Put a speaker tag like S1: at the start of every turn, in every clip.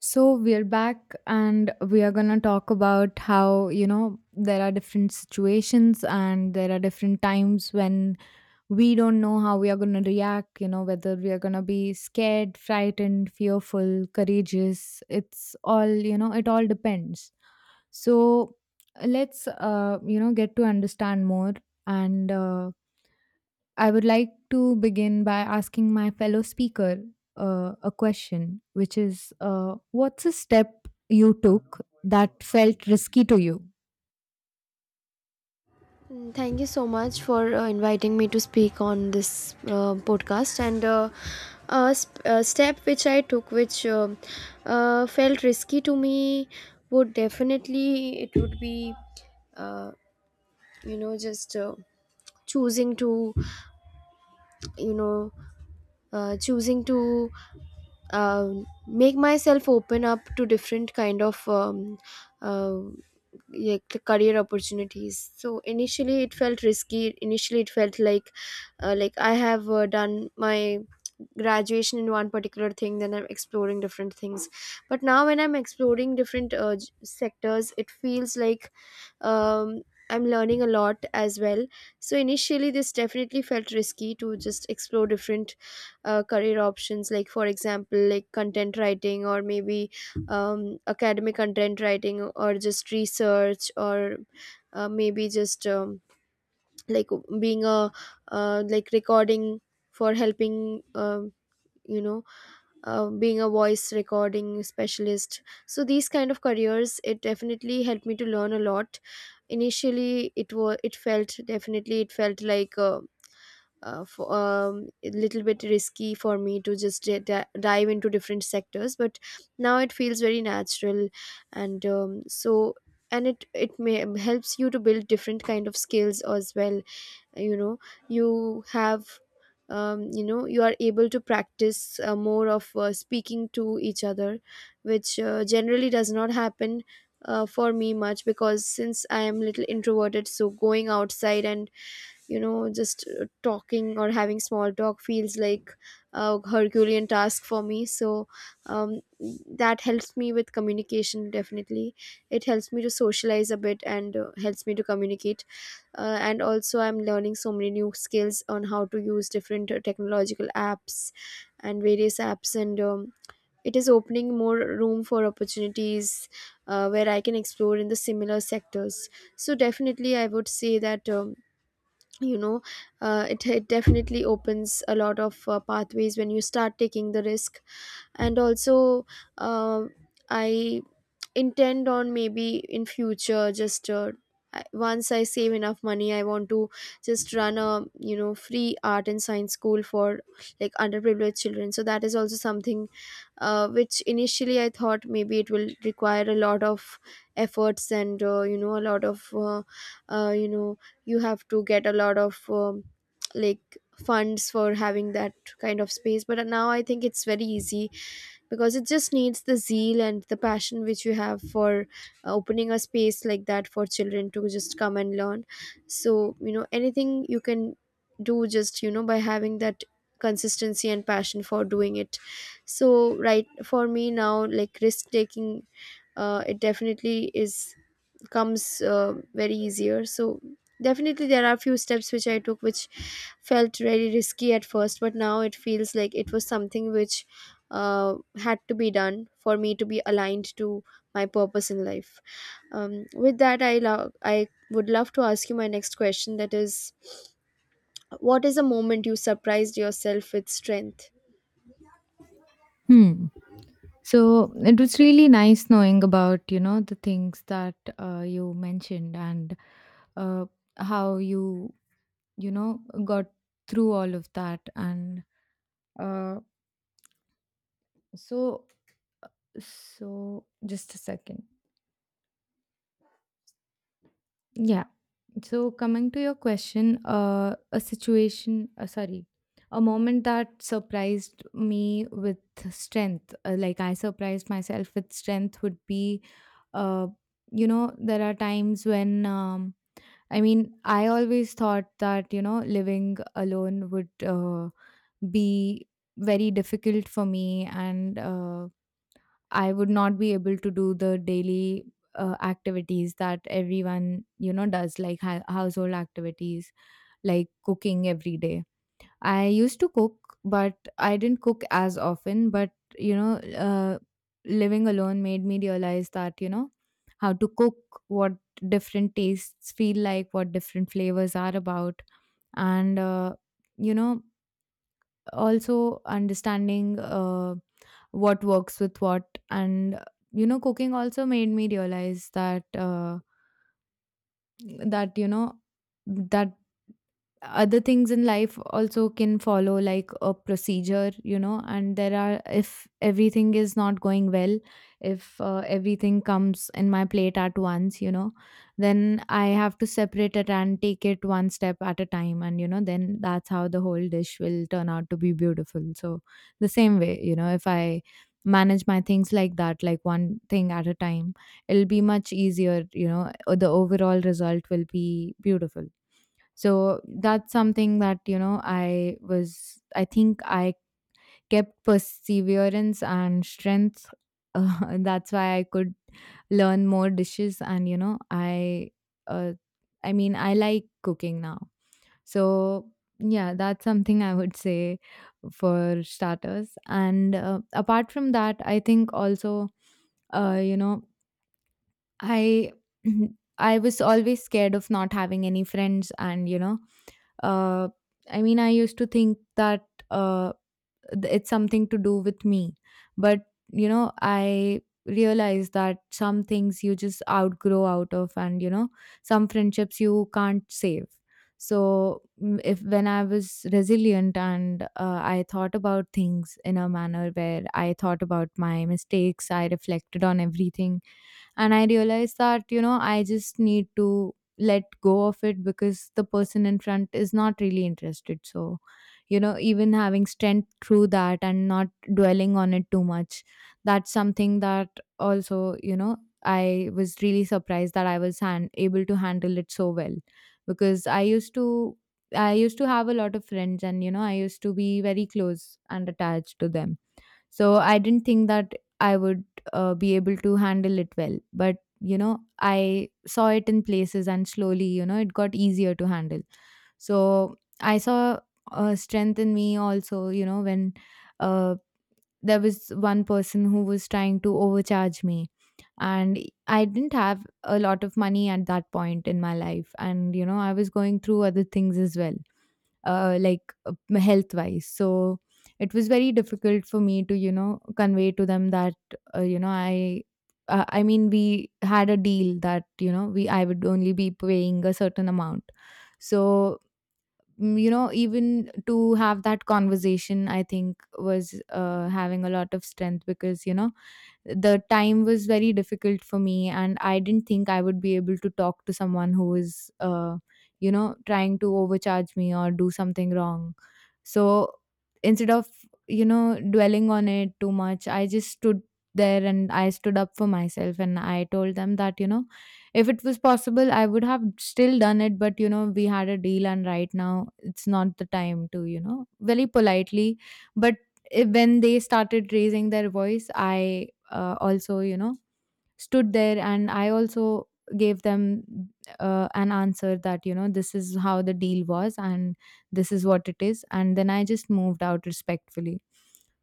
S1: So we're back and we are going to talk about how, you know, there are different situations and there are different times when we don't know how we are going to react, you know, whether we are going to be scared, frightened, fearful, courageous. It's all, you know, it all depends. So let's you know, get to understand more and I would like to begin by asking my fellow speaker a question, which is what's a step you took that felt risky to you?
S2: Thank you so much for inviting me to speak on this podcast. And a step which I took, which felt risky to me, would definitely it would be, uh, you know, just choosing to, you know, choosing to uh, make myself open up to different kind of uh, career opportunities. So initially it felt risky. Initially it felt like I have done my graduation in one particular thing, then I'm exploring different things. But now when I'm exploring different sectors, it feels like um, I'm learning a lot as well. So initially this definitely felt risky to just explore different career options, like for example like content writing, or maybe academic content writing, or just research, or maybe just like being a like recording for helping you know being a voice recording specialist. So these kind of careers, it definitely helped me to learn a lot. Initially it felt, definitely it felt like a little bit risky for me to just dive into different sectors. But now it feels very natural. And so, and it may helps you to build different kind of skills as well. You know, you have you know, you are able to practice more of speaking to each other, which generally does not happen for me much, because since I am little introverted, so going outside and you know just talking or having small talk feels like a herculean task for me. So um, that helps me with communication definitely. It helps me to socialize a bit and helps me to communicate. Uh, and also I'm learning so many new skills on how to use different technological apps and various apps. And it is opening more room for opportunities where I can explore in the similar sectors. So definitely I would say that you know it definitely opens a lot of pathways when you start taking the risk. And also, uh, I intend on maybe in future just once I save enough money, I want to just run a, you know, free art and science school for like underprivileged children. So that is also something which initially I thought maybe it will require a lot of efforts and, you know, a lot of you know, you have to get a lot of like funds for having that kind of space. But now I think it's very easy, because it just needs the zeal and the passion which you have for opening a space like that for children to just come and learn. So you know, anything you can do just, you know, by having that consistency and passion for doing it. So right, for me now, like risk taking, it definitely is, comes very easier. So definitely there are a few steps which I took, which felt very risky at first, but now it feels like it was something which had to be done for me to be aligned to my purpose in life. With that, I would love to ask you my next question, that is, what is a moment you surprised yourself with strength?
S1: Hmm. So it was really nice knowing about, you know, the things that you mentioned and uh, how you, you know, got through all of that. Uh, so, so just a second. Yeah. So, coming to your question, a situation, sorry, a moment that surprised me with strength, like I surprised myself with strength, would be, uh, you know, there are times when, I mean, I always thought that, you know, living alone would be very difficult for me and, I would not be able to do the daily activities that everyone, you know, does, like household activities, like cooking every day. I used to cook, but I didn't cook as often. But, you know, living alone made me realize that, you know, how to cook, what different tastes feel like, what different flavors are about. And, you know, also understanding what works with what. And you know, cooking also made me realize that, you know, that other things in life also can follow like a procedure, you know. And there are, if everything is not going well, if everything comes in my plate at once, you know, then I have to separate it and take it one step at a time, and you know, then that's how the whole dish will turn out to be beautiful. So the same way, you know, if I manage my things like that, like one thing at a time, it'll be much easier, you know, or the overall result will be beautiful. So that's something that, you know, I think I kept perseverance and strength. And that's why I could learn more dishes. And, you know, uh, I mean, I like cooking now. So, yeah, that's something I would say for starters. And apart from that, I think also, uh, you know, I I was always scared of not having any friends. And you know, uh I mean, I used to think that it's something to do with me, but you know, I realized that some things you just outgrow out of. And you know, some friendships you can't save. So mm, if when I was resilient and I thought about things in a manner where I thought about my mistakes, I reflected on everything, and I realized that you know, I just need to let go of it because the person in front is not really interested. So you know, even having strength through that and not dwelling on it too much, that's something that also, you know, I was really surprised that I was able to handle it so well, because I used to have a lot of friends, and you know, I used to be very close and attached to them. So I didn't think that I would be able to handle it well. But, you know, I saw it in places and slowly, you know, it got easier to handle. So I saw strength in me also, you know, when uh, there was one person who was trying to overcharge me. And I didn't have a lot of money at that point in my life. And, you know, I was going through other things as well, like health wise. So it was very difficult for me to, you know, convey to them that uh, you know i I mean, we had a deal that, you know, we I would only be paying a certain amount. So you know, even to have that conversation, I think was having a lot of strength, because you know, the time was very difficult for me, and I didn't think I would be able to talk to someone who is, you know, trying to overcharge me or do something wrong. So instead of, you know, dwelling on it too much, I just stood there and I stood up for myself, and I told them that, you know, if it was possible I would have still done it, but you know, we had a deal and right now it's not the time, to, you know, very politely. But when they started raising their voice, I, also, you know, stood there, and I also gave them an answer that, you know, this is how the deal was and this is what it is. And then I just moved out respectfully.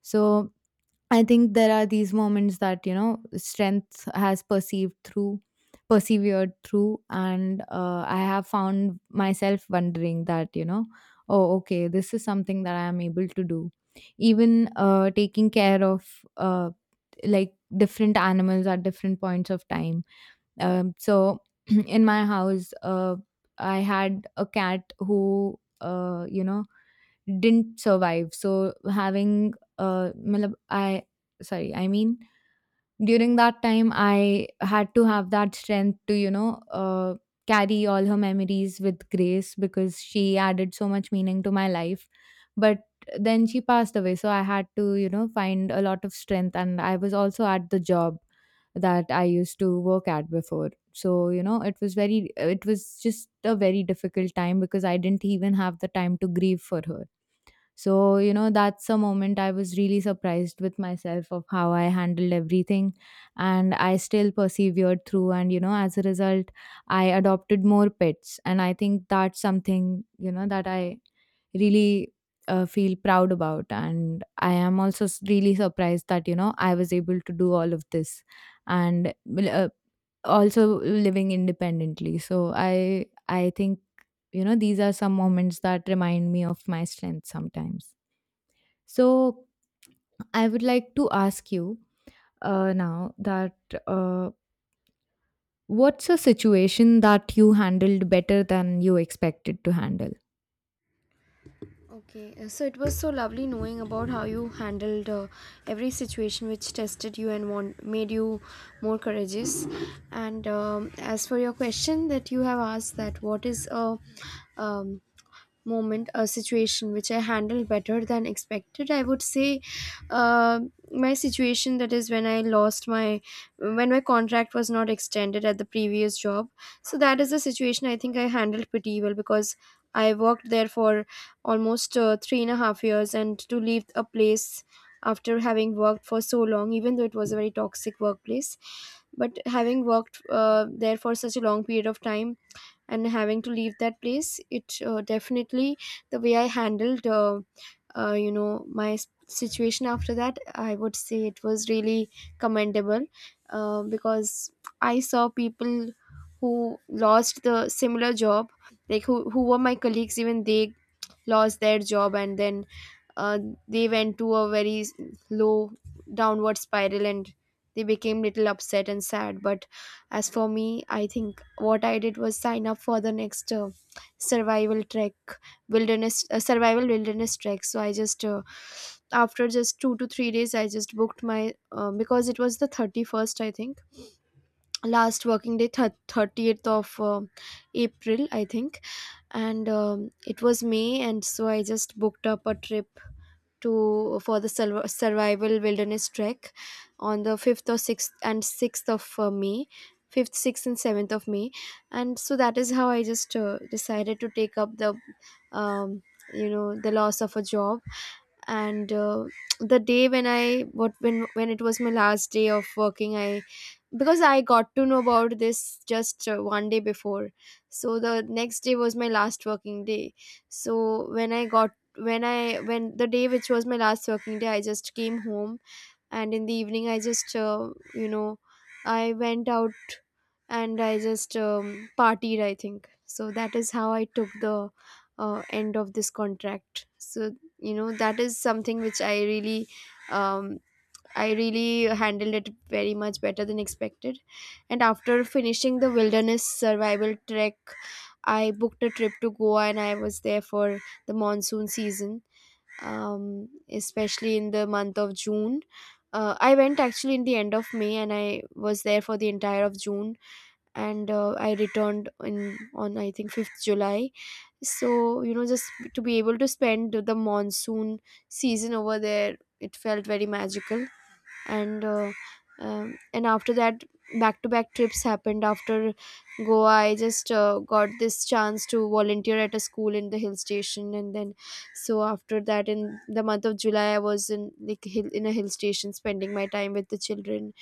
S1: So I think there are these moments that, you know, strength has perceived through, persevered through. And I have found myself wondering that, you know, oh okay, this is something that I am able to do. Even taking care of uh, like different animals at different points of time. So in my house, I had a cat who, you know, didn't survive. So having, matlab, I mean, during that time I had to have that strength to, you know, carry all her memories with grace, because she added so much meaning to my life. But then she passed away, so I had to, you know, find a lot of strength. And I was also at the job that I used to work at before. So you know, it was just a very difficult time, because I didn't even have the time to grieve for her. So, you know, that's a moment I was really surprised with myself of how I handled everything. And I still persevered through. And, you know, as a result, I adopted more pets. And I think that's something, you know, that I really feel proud about. And I am also really surprised that, you know, I was able to do all of this, and uh, also living independently. So I think, you know, these are some moments that remind me of my strength sometimes. So I would like to ask you, now that uh, what's a situation that you handled better than you expected to handle?
S2: Okay, so it was so lovely knowing about how you handled every situation which tested you and made you more courageous. And as for your question that you have asked, that what is a um, moment a situation which I handled better than expected, I would say, uh, my situation that is when I lost my, when my contract was not extended at the previous job. So that is the situation I think I handled pretty well, because I worked there for almost 3.5 years, and to leave a place after having worked for so long, even though it was a very toxic workplace, but having worked there for such a long period of time, and having to leave that place, it definitely, the way I handled you know, my situation after that, I would say it was really commendable. Because I saw people who lost the similar job, like who were my colleagues, even they lost their job. And then uh, they went to a very low downward spiral, and they became little upset and sad. But as for me, I think what I did was sign up for the next survival trek survival wilderness trek. So I just, after just 2 to 3 days, I just booked my, because it was the 31st I think, last working day, 30th of April I think. And it was May, and so I just booked up a trip to, for the survival wilderness trek on the 5th or 6th, and 6th of May, 5th, 6th and 7th of May. And so that is how I just decided to take up the um, the loss of a job. And the day when I, what when it was my last day of working, I, because I got to know about this just one day before, so the next day was my last working day. So when I got when I when the day which was my last working day, I just came home, and in the evening I just, you know I went out, and I just partied I think. So that is how I took the end of this contract. So you know, that is something which I really, um, I really handled it very much better than expected. And after finishing the wilderness survival trek, I booked a trip to Goa, and I was there for the monsoon season, especially in the month of June. I went actually in the end of May, and I was there for the entire of June, and I returned in on I think 5th July. So, you know, just to be able to spend the monsoon season over there, it felt very magical. And and after that, back to back trips happened. After Goa, I just got this chance to volunteer at a school in the hill station. And then, so after that, in the month of July, I was in, like hill, in a hill station spending my time with the children.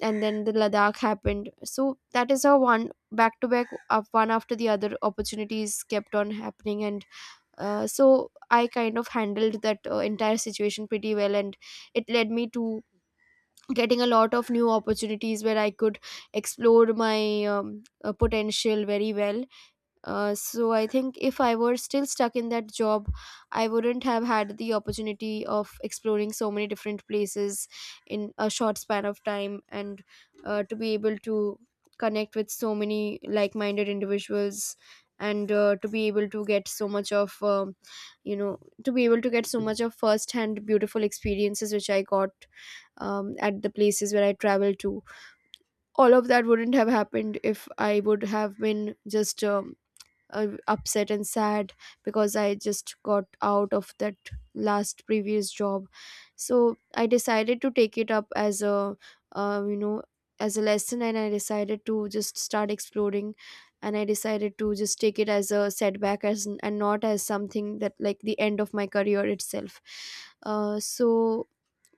S2: And then the Ladakh happened. So that is how one back to back up, one after the other opportunities kept on happening. And so I kind of handled that entire situation pretty well, and it led me to getting a lot of new opportunities where I could explore my potential very well. So I think if I were still stuck in that job, I wouldn't have had the opportunity of exploring so many different places in a short span of time, and to be able to connect with so many like minded individuals, and to be able to get so much of to be able to get so much of first hand beautiful experiences which I got at the places where I travel to. All of that wouldn't have happened if I would have been just upset and sad, because I just got out of that last previous job. So I decided to take it up as a, uh, you know, as a lesson, and I decided to just start exploring. And I decided to just take it as a setback, and not as something that, like, the end of my career itself. So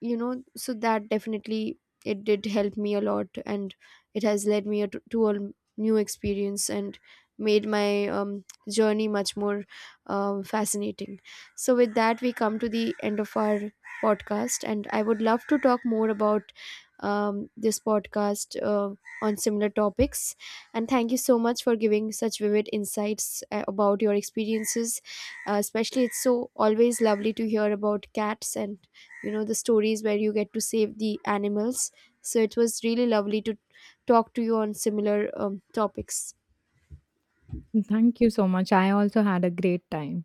S2: you know, so that definitely it did help me a lot, and it has led me to a new experience, and made my journey much more fascinating. So, with that, we come to the end of our podcast, and I would love to talk more about this podcast on similar topics. And thank you so much for giving such vivid insights about your experiences. Especially, it's so always lovely to hear about cats and you know the stories where you get to save the animals. So, it was really lovely to talk to you on similar topics.
S1: Thank you so much. I also had a great time.